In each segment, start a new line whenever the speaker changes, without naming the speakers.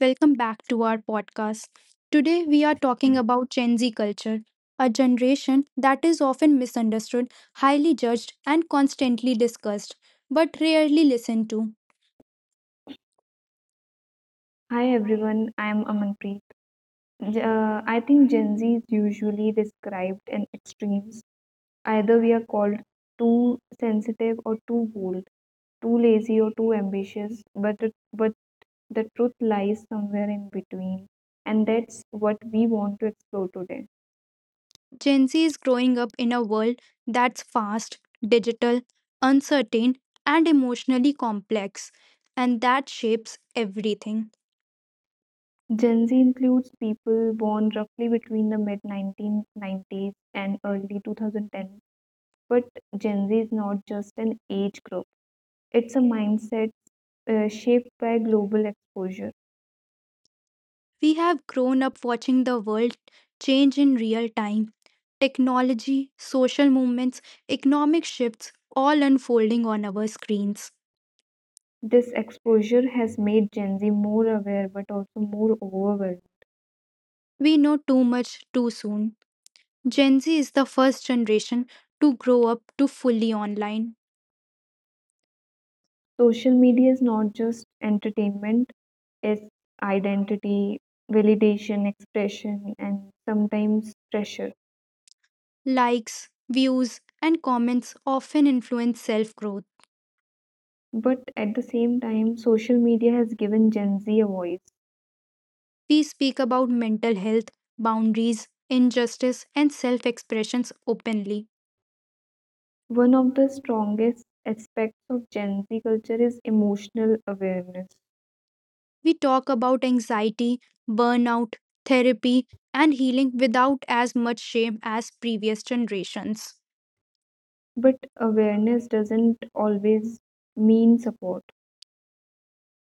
Welcome back to our podcast. Today, we are talking about Gen Z culture, a generation that is often misunderstood, highly judged, and constantly discussed, but rarely listened to.
Hi everyone, I'm Amanpreet. I think Gen Z is usually described in extremes. Either we are called too sensitive or too bold, too lazy or too ambitious, but the truth lies somewhere in between. And that's what we want to explore today.
Gen Z is growing up in a world that's fast, digital, uncertain, and emotionally complex, and that shapes everything.
Gen Z includes people born roughly between the mid 1990s and early 2010. But Gen Z is not just an age group, it's a mindset shaped by global exposure.
We have grown up watching the world change in real time. Technology, social movements, economic shifts all unfolding on our screens.
This exposure has made Gen Z more aware but also more overwhelmed.
We know too much too soon. Gen Z is the first generation to grow up to fully online.
Social media is not just entertainment, it's identity, validation, expression, and sometimes pressure.
Likes, views, and comments often influence self growth.
But at the same time, social media has given Gen Z a voice.
We speak about mental health, boundaries, injustice, and self expressions openly.
One of the strongest aspects of Gen Z culture is emotional awareness.
We talk about anxiety, burnout, therapy, and healing without as much shame as previous generations.
But awareness doesn't always mean support.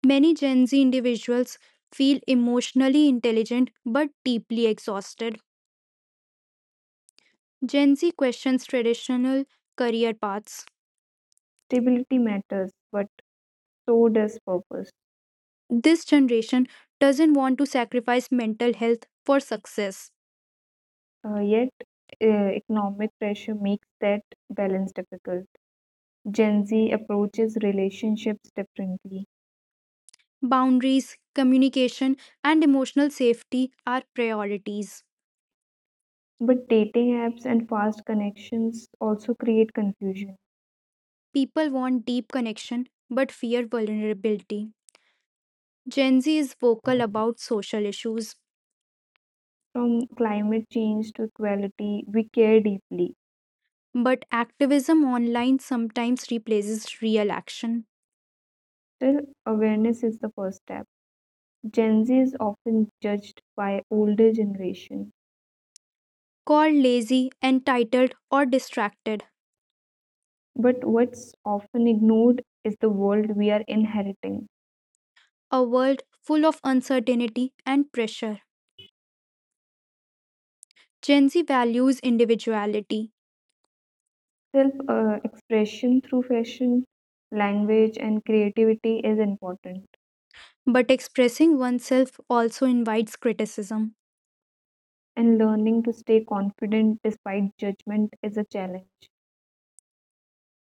Many Gen Z individuals feel emotionally intelligent but deeply exhausted. Gen Z questions traditional career paths.
Stability matters, but so does purpose.
This generation doesn't want to sacrifice mental health for success.
Yet, economic pressure makes that balance difficult. Gen Z approaches relationships differently,
Boundaries, communication, and emotional safety are priorities.
but dating apps and fast connections also create confusion.
People want deep connection but fear vulnerability. Gen Z is vocal about social issues,
From climate change to equality, we care deeply.
but activism online sometimes replaces real action.
Still, awareness is the first step. Gen Z is often judged by older generation,
Called lazy, entitled, or distracted,
but what's often ignored is the world we are inheriting.
a world full of uncertainty and pressure. Gen Z values individuality,
Self expression through fashion, language, and creativity is important,
but expressing oneself also invites criticism.
and learning to stay confident despite judgment is a challenge.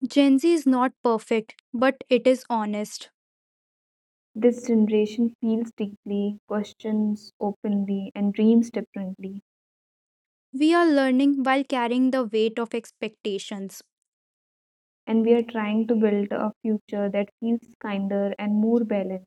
Gen Z is not perfect, but it is honest.
This generation feels deeply, questions openly, and dreams differently.
We are learning while carrying the weight of expectations.
And we are trying to build a future that feels kinder and more balanced.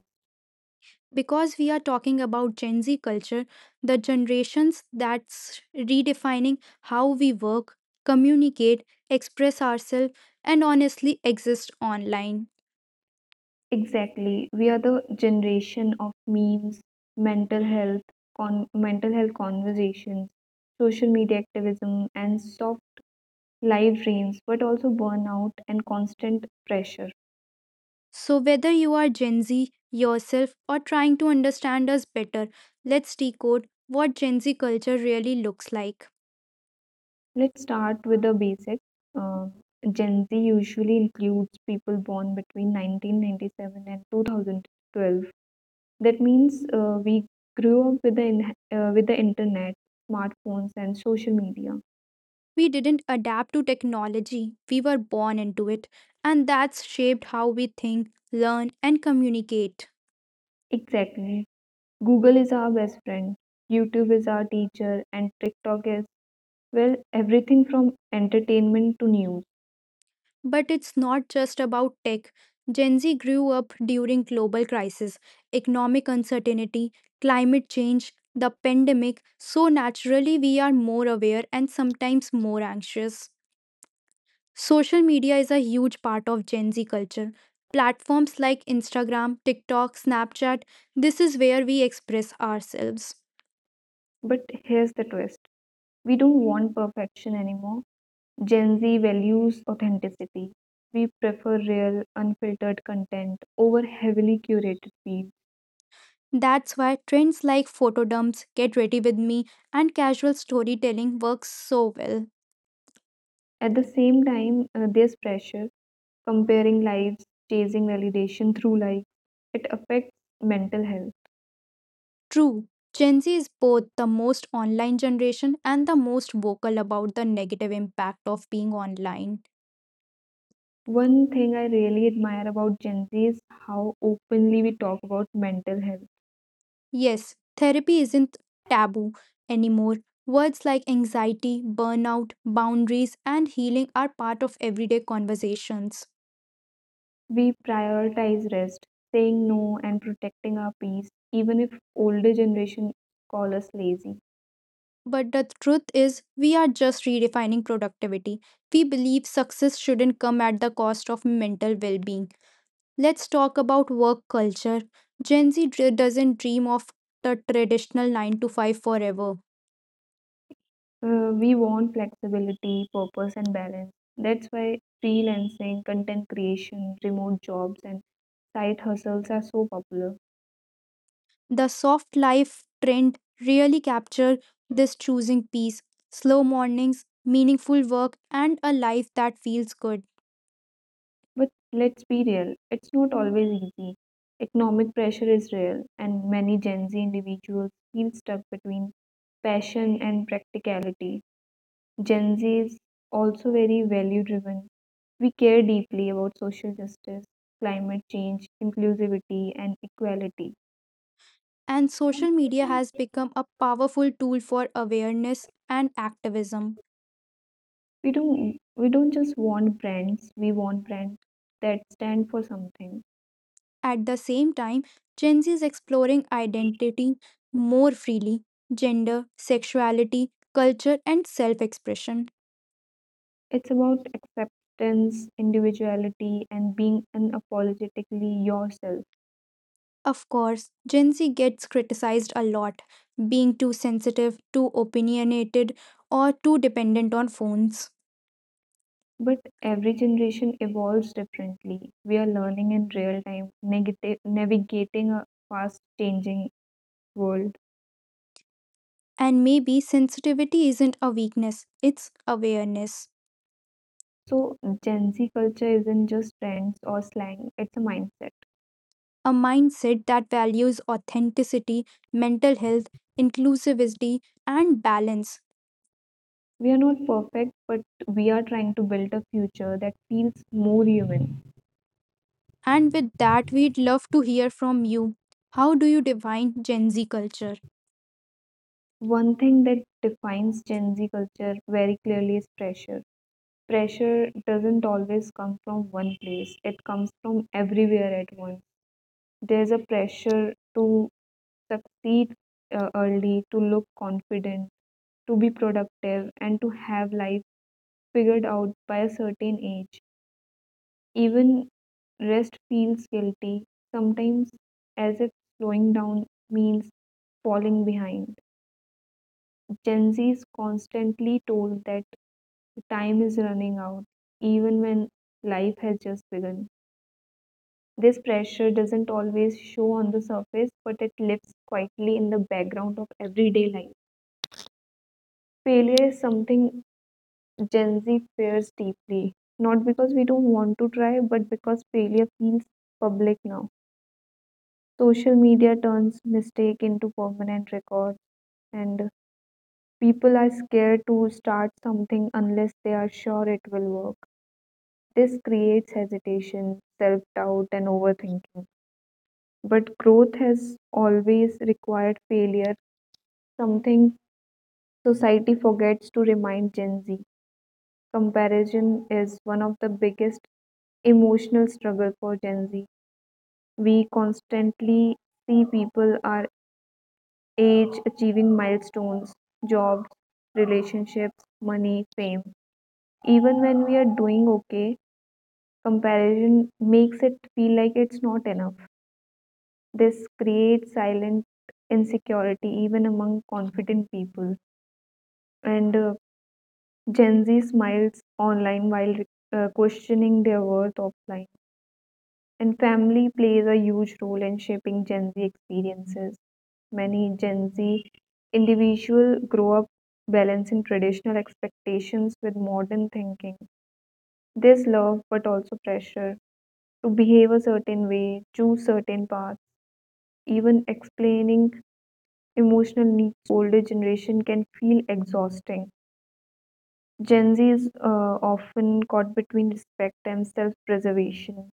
Because we are talking about Gen Z culture, the generations that's redefining how we work, communicate, express ourselves, and honestly exist online.
Exactly, we are the generation of memes, mental health, mental health conversations, social media activism, and soft live dreams, but also burnout and constant pressure.
So, whether you are Gen Z yourself or trying to understand us better, let's decode what Gen Z culture really looks like.
Let's start with the basic. Uh, Gen Z usually includes people born between 1997 and 2012. That means we grew up with the internet, smartphones, and social media.
We didn't adapt to technology, we were born into it, and that's shaped how we think, learn, and communicate.
Exactly. Google is our best friend. YouTube is our teacher, and TikTok is well everything from entertainment to news.
But it's not just about tech. Gen Z grew up during global crisis, economic uncertainty, climate change, the pandemic, so naturally we are more aware and sometimes more anxious. Social media is a huge part of Gen Z culture. Platforms like Instagram, TikTok, Snapchat, this is where we express ourselves.
But here's the twist we don't want perfection anymore. Gen Z values authenticity. We prefer real, unfiltered content over heavily curated feeds.
That's why trends like photo dumps, get ready with me, and casual storytelling works so well.
At the same time, there's pressure comparing lives, chasing validation through likes. It affects mental health.
True, Gen Z is both the most online generation and the most vocal about the negative impact of being online.
One thing I really admire about Gen Z is how openly we talk about mental health.
Yes, therapy isn't taboo anymore. Words like anxiety, burnout, boundaries, and healing are part of everyday conversations.
We prioritize rest, saying no, and protecting our peace, even if older generation call us lazy.
But the truth is, we are just redefining productivity. We believe success shouldn't come at the cost of mental well being. Let's talk about work culture. Gen Z doesn't dream of the traditional 9 to 5 forever.
We want flexibility, purpose, and balance. That's why freelancing, content creation, remote jobs, and side hustles are so popular.
The soft life trend really capture this choosing peace, slow mornings, meaningful work, and a life that feels good.
But let's be real, it's not always easy. Economic pressure is real, and many Gen Z individuals feel stuck between passion and practicality. Gen Z is also very value driven. We care deeply about social justice, climate change, inclusivity, and equality.
And social media has become a powerful tool for awareness and activism.
We don't just want brands, we want brands that stand for something.
At the same time, Gen Z is exploring identity more freely, gender, sexuality, culture, and self-expression.
It's about acceptance, individuality and being unapologetically yourself.
Of course, Gen Z gets criticized a lot, being too sensitive, too opinionated, or too dependent on phones.
But every generation evolves differently. We are learning in real time, navigating a fast changing world.
And maybe sensitivity isn't a weakness, it's awareness.
So, Gen Z culture isn't just trends or slang, it's a mindset.
A mindset that values authenticity, mental health, inclusivity, and balance.
We are not perfect, but we are trying to build a future that feels more human.
And with that, we'd love to hear from you. How do you define Gen Z culture?
One thing that defines Gen Z culture very clearly is pressure. Pressure doesn't always come from one place, it comes from everywhere at once. There's a pressure to succeed early, to look confident, to be productive, and to have life figured out by a certain age. Even rest feels guilty, sometimes as if slowing down means falling behind. Gen Z is constantly told that time is running out, even when life has just begun. This pressure doesn't always show on the surface, but it lives quietly in the background of everyday life. Failure is something Gen Z fears deeply, not because we don't want to try, but because failure feels public now. Social media turns mistake into permanent records, and people are scared to start something unless they are sure it will work. This creates hesitation, self doubt, and overthinking. But growth has always required failure, something society forgets to remind Gen Z. Comparison is one of the biggest emotional struggle for Gen Z. We constantly see people our age achieving milestones, jobs, relationships, money, fame. Even when we are doing okay, comparison makes it feel like it's not enough. This creates silent insecurity even among confident people. And Gen Z smiles online while questioning their worth offline. And family plays a huge role in shaping Gen Z experiences. Many Gen Z individuals grow up balancing traditional expectations with modern thinking. There's love, but also pressure to behave a certain way, choose certain paths, even explaining emotional needs to older generation can feel exhausting. Gen Z is often caught between respect and self-preservation.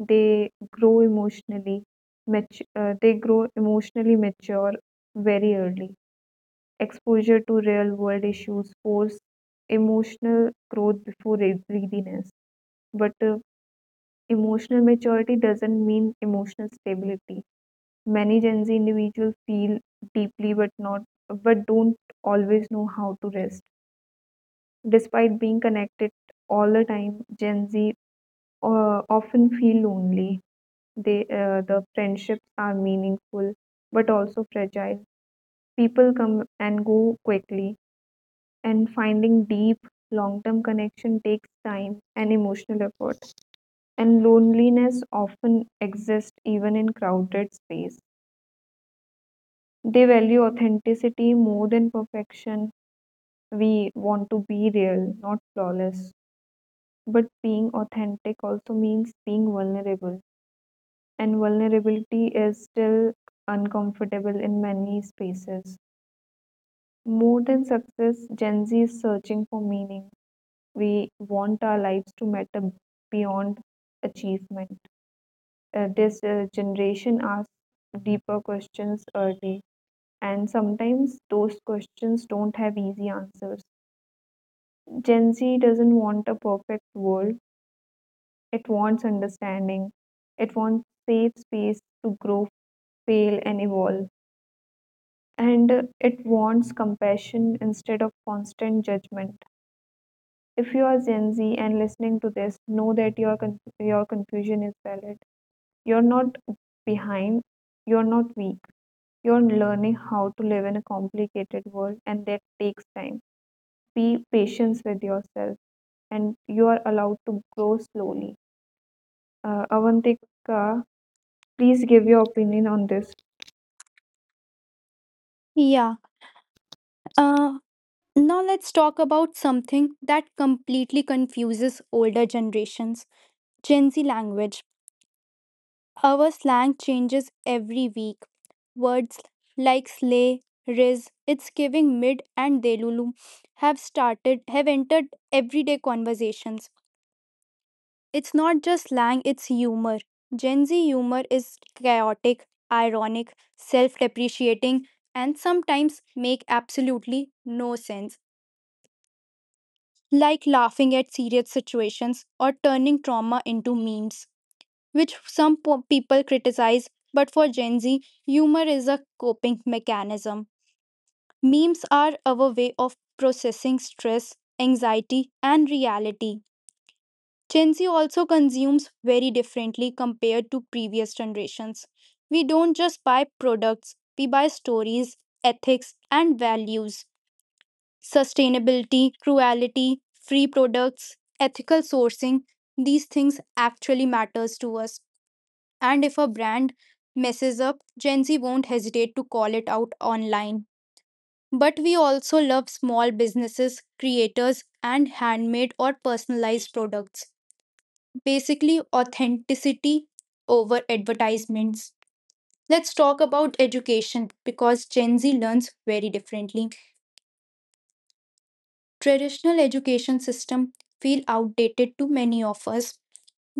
They grow emotionally, they grow emotionally mature very early. Exposure to real-world issues force emotional growth before readiness. But emotional maturity doesn't mean emotional stability. Many Gen Z individuals feel deeply but don't always know how to rest. Despite being connected all the time, Gen Z uh, often feel lonely. The friendships are meaningful but also fragile. People come and go quickly, and finding deep long-term connection takes time and emotional effort. And loneliness often exists even in crowded space. They value authenticity more than perfection. We want to be real, not flawless. But being authentic also means being vulnerable. And vulnerability is still uncomfortable in many spaces. More than success, Gen Z is searching for meaning. We want our lives to matter beyond achievement. This generation asks deeper questions early, and sometimes those questions don't have easy answers. Gen Z doesn't want a perfect world, it wants understanding. It wants safe space to grow, fail, and evolve. And it wants compassion instead of constant judgment. If you are Gen Z and listening to this, know that your confusion is valid. You're not behind. You're not weak. You're learning how to live in a complicated world, and that takes time. Be patient with yourself, and you are allowed to grow slowly. Avantika, please give your opinion on this.
Yeah. Uh, Now let's talk about something that completely confuses older generations Gen Z language. Our slang changes every week. Words like slay, riz, it's giving mid, and delulu have entered everyday conversations. It's not just slang, it's humor. Gen Z humor is chaotic, ironic, self-depreciating, and sometimes make absolutely no sense. Like laughing at serious situations or turning trauma into memes, which some people criticize. But for Gen Z, humor is a coping mechanism. Memes are our way of processing stress, anxiety, and reality. Gen Z also consumes very differently compared to previous generations. We don't just buy products, we buy stories, ethics, and values sustainability, cruelty, free products, ethical sourcing, these things actually matters to us. And if a brand messes up, Gen Z won't hesitate to call it out online. But we also love small businesses, creators, and handmade or personalized products. Basically, authenticity over advertisements. Let's talk about education because Gen Z learns very differently. Traditional education system feel outdated to many of us.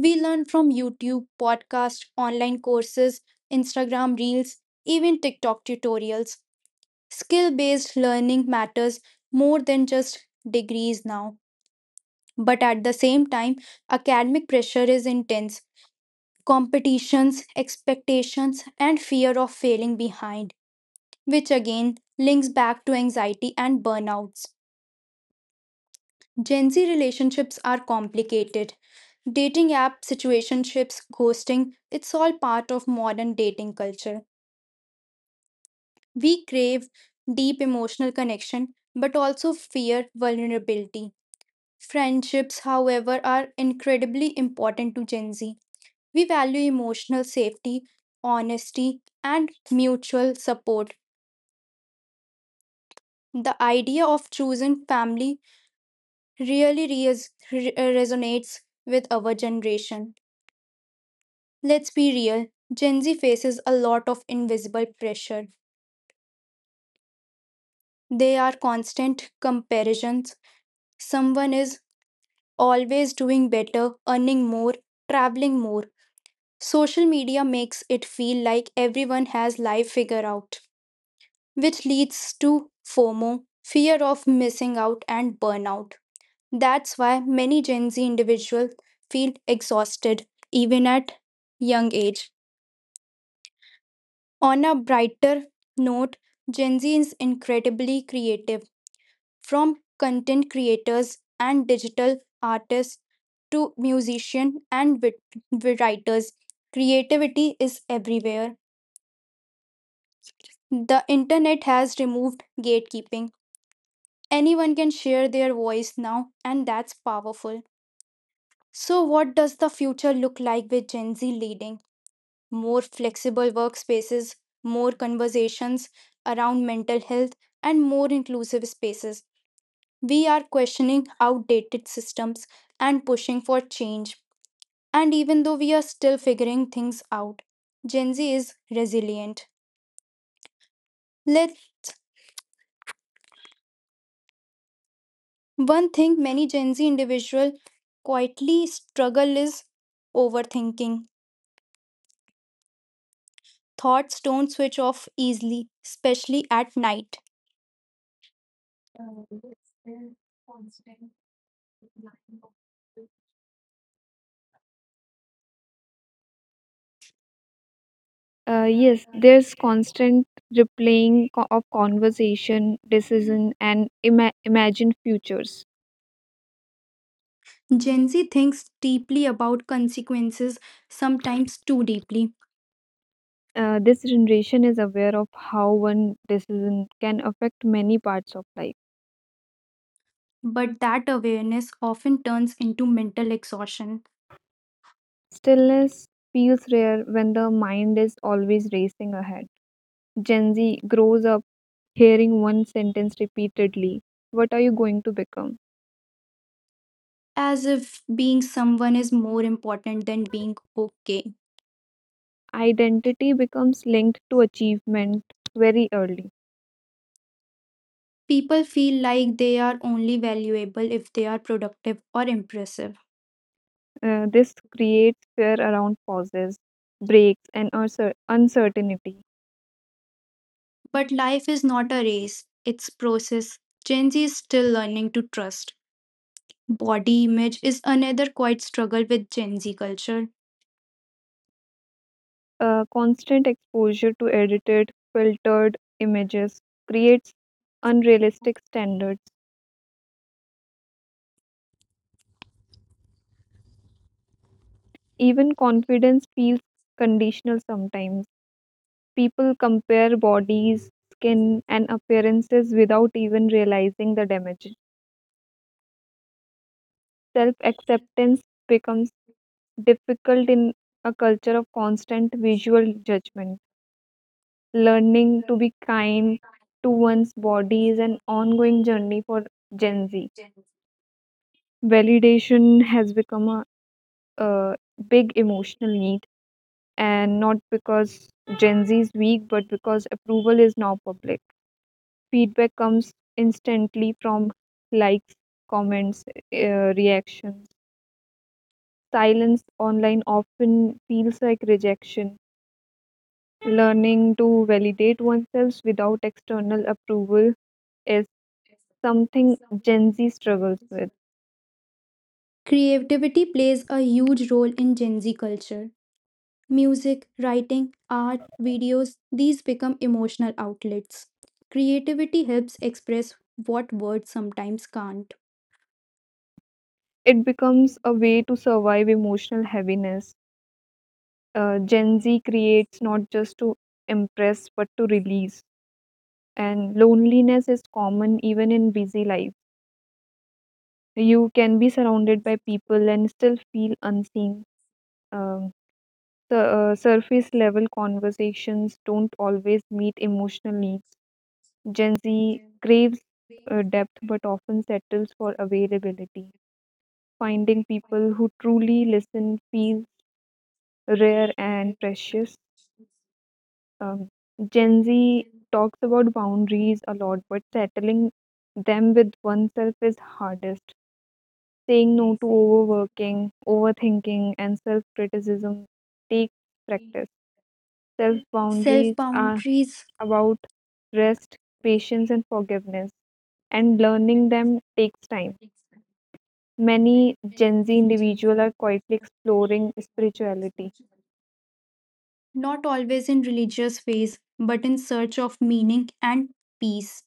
We learn from YouTube, podcast, online courses, Instagram reels, even TikTok tutorials. Skill based learning matters more than just degrees now. But at the same time, academic pressure is intense. Competitions, expectations, and fear of failing behind, which again links back to anxiety and burnouts. Gen Z relationships are complicated. Dating app, situationships, ghosting, it's all part of modern dating culture. We crave deep emotional connection, but also fear vulnerability. Friendships, however, are incredibly important to Gen Z. We value emotional safety, honesty, and mutual support. The idea of choosing family really resonates with our generation. Let's be real, Gen Z faces a lot of invisible pressure. They are constant comparisons. Someone is always doing better, earning more, traveling more. Social media makes it feel like everyone has life figured out, which leads to FOMO, fear of missing out, and burnout. That's why many Gen Z individuals feel exhausted even at young age. On a brighter note, Gen Z is incredibly creative. From content creators and digital artists to musicians and writers. Creativity is everywhere. The internet has removed gatekeeping. Anyone can share their voice now, and that's powerful. So, what does the future look like with Gen Z leading? More flexible workspaces, more conversations around mental health, and more inclusive spaces. We are questioning outdated systems and pushing for change. And even though we are still figuring things out, Gen Z is resilient. Let one thing many Gen Z individuals quietly struggle is overthinking. Thoughts don't switch off easily, especially at night.
Yes, there's constant replaying of conversation, decision, and imagined futures.
Gen Z thinks deeply about consequences, sometimes too deeply.
This generation is aware of how one decision can affect many parts of life.
But that awareness often turns into mental exhaustion,
Stillness feels rare when the mind is always racing ahead. Gen Z grows up hearing one sentence repeatedly. What are you going to become?
as if being someone is more important than being okay.
Identity becomes linked to achievement very early.
People feel like they are only valuable if they are productive or impressive.
This creates fear around pauses, breaks, and uncertainty.
But life is not a race, it's process. Gen Z is still learning to trust. Body image is another quite struggle with Gen Z culture.
Constant exposure to edited, filtered images creates unrealistic standards. Even confidence feels conditional sometimes. People compare bodies, skin, and appearances without even realizing the damage. Self acceptance becomes difficult in a culture of constant visual judgment. Learning to be kind to one's body is an ongoing journey for Gen Z. Validation has become a big emotional need, and not because Gen Z is weak, but because approval is now public. Feedback comes instantly from likes, comments, reactions. Silence online often feels like rejection. Learning to validate oneself without external approval is something Gen Z struggles with.
Creativity plays a huge role in Gen Z culture. Music, writing, art, videos, these become emotional outlets. Creativity helps express what words sometimes can't.
It becomes a way to survive emotional heaviness. Gen Z creates not just to impress but to release. And loneliness is common even in busy life. You can be surrounded by people and still feel unseen. Um, so, surface level conversations don't always meet emotional needs. Gen Z craves depth but often settles for availability. Finding people who truly listen feels rare and precious. Um, Gen Z talks about boundaries a lot, but settling them with oneself is hardest. Saying no to overworking, overthinking, and self criticism takes practice. Self
Self
boundaries are
boundaries,
about rest, patience, and forgiveness, and learning them takes time. Many Gen Z individuals are quietly exploring spirituality.
not always in religious ways, but in search of meaning and peace.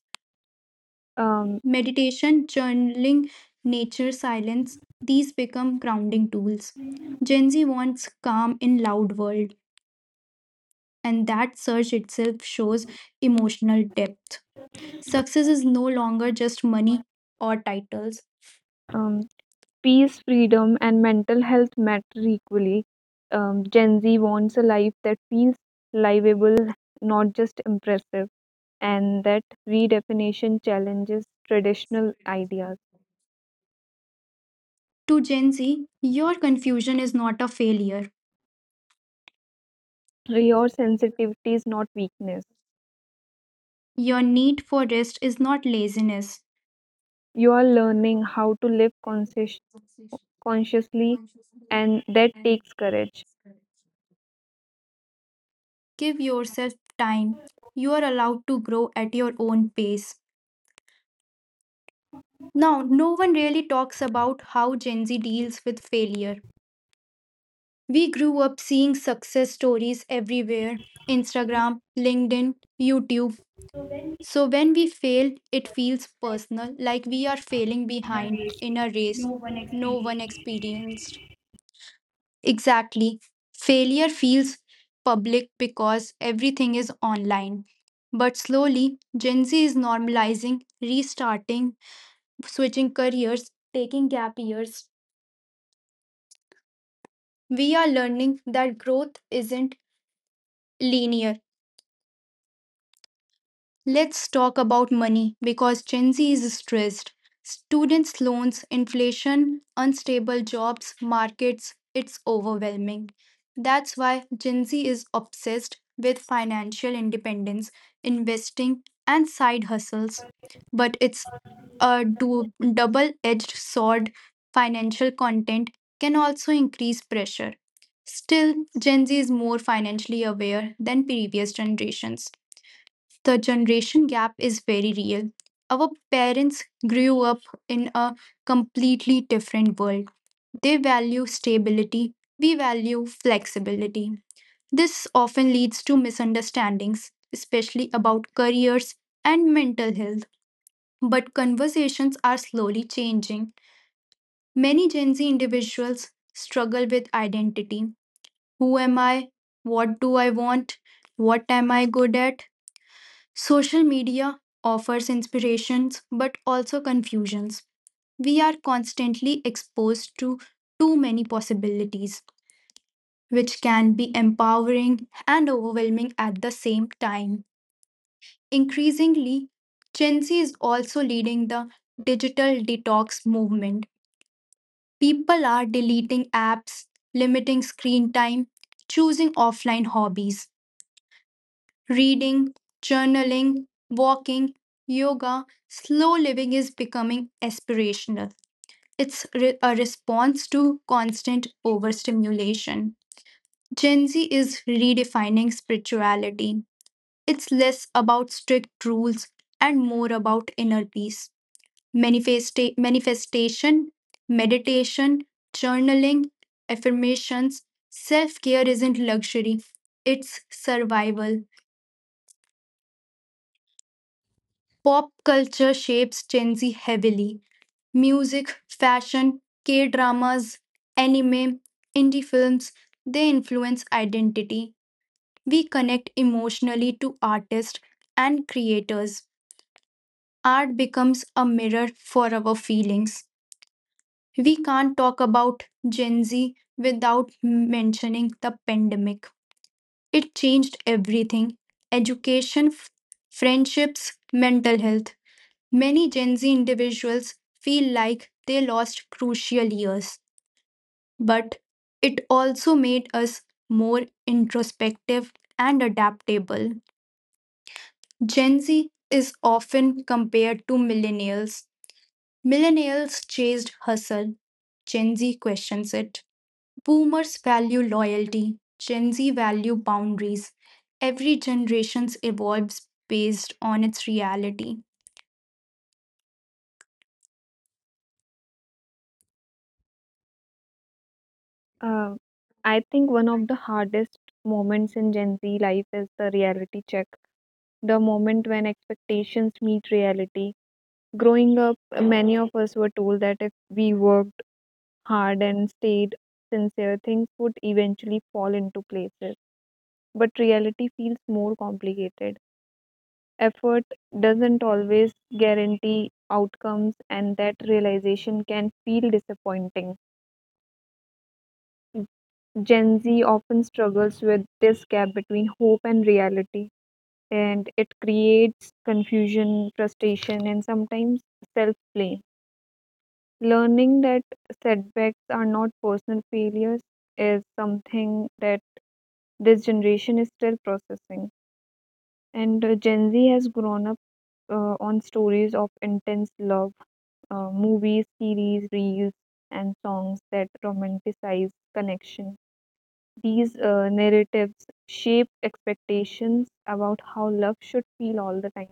Um,
Meditation, journaling, nature, silence, these become grounding tools. Gen Z wants calm in loud world, and that search itself shows emotional depth. Success is no longer just money or titles.
Um, Peace, freedom, and mental health matter equally. Gen Z wants a life that feels livable, not just impressive, and that redefinition challenges traditional ideas.
To Gen Z, your confusion is not a failure.
Your sensitivity is not weakness.
Your need for rest is not laziness.
You are learning how to live consciously, and that takes courage.
Give yourself time. You are allowed to grow at your own pace. Now, no one really talks about how Gen Z deals with failure. We grew up seeing success stories everywhere Instagram, LinkedIn, YouTube.
So when we
So when we fail, it feels
step
personal, like we are failing
in a
behind
race,
in a race
no one
no one
experience.
experienced. Exactly. Failure feels public because everything is online. But slowly, Gen Z is normalizing, restarting, switching careers, taking gap years. We are learning that growth isn't linear. Let's talk about money because Gen Z is stressed. Students' loans, inflation, unstable jobs, markets, it's overwhelming. That's why Gen Z is obsessed with financial independence, investing, and side hustles. But it's a double edged sword. Financial content can also increase pressure. Still, Gen Z is more financially aware than previous generations. The generation gap is very real. Our parents grew up in a completely different world. They value stability, we value flexibility. This often leads to misunderstandings, especially about careers and mental health. But conversations are slowly changing. Many Gen Z individuals struggle with identity. Who am I? What do I want? What am I good at? Social media offers inspirations but also confusions. We are constantly exposed to too many possibilities, which can be empowering and overwhelming at the same time. Increasingly, Gen Z is also leading the digital detox movement. People are deleting apps, limiting screen time, choosing offline hobbies. Reading, journaling, walking, yoga, slow living is becoming aspirational. It's a response to constant overstimulation. Gen Z is redefining spirituality. It's less about strict rules and more about inner peace. Manifestation, meditation, journaling, affirmations, self care isn't luxury, it's survival. Pop culture shapes Gen Z heavily. Music, fashion, K dramas, anime, indie films, they influence identity. We connect emotionally to artists and creators. Art becomes a mirror for our feelings. We can't talk about Gen Z without mentioning the pandemic. It changed everything education, friendships, mental health. Many Gen Z individuals feel like they lost crucial years, but it also made us more introspective and adaptable. Gen Z is often compared to millennials. Millennials chased hustle, Gen Z questions it. Boomers value loyalty, Gen Z value boundaries. Every generation evolves based on its reality.
Uh, I think one of the hardest moments in Gen Z life is the reality check, the moment when expectations meet reality. Growing up, many of us were told that if we worked hard and stayed sincere, things would eventually fall into places. But reality feels more complicated. Effort doesn't always guarantee outcomes, and that realization can feel disappointing. Gen Z often struggles with this gap between hope and reality, and it creates confusion, frustration, and sometimes self blame. Learning that setbacks are not personal failures is something that this generation is still processing. And Gen Z has grown up on stories of intense love, movies, series, reels, and songs that romanticize connection. These narratives shape expectations about how love should feel all the time.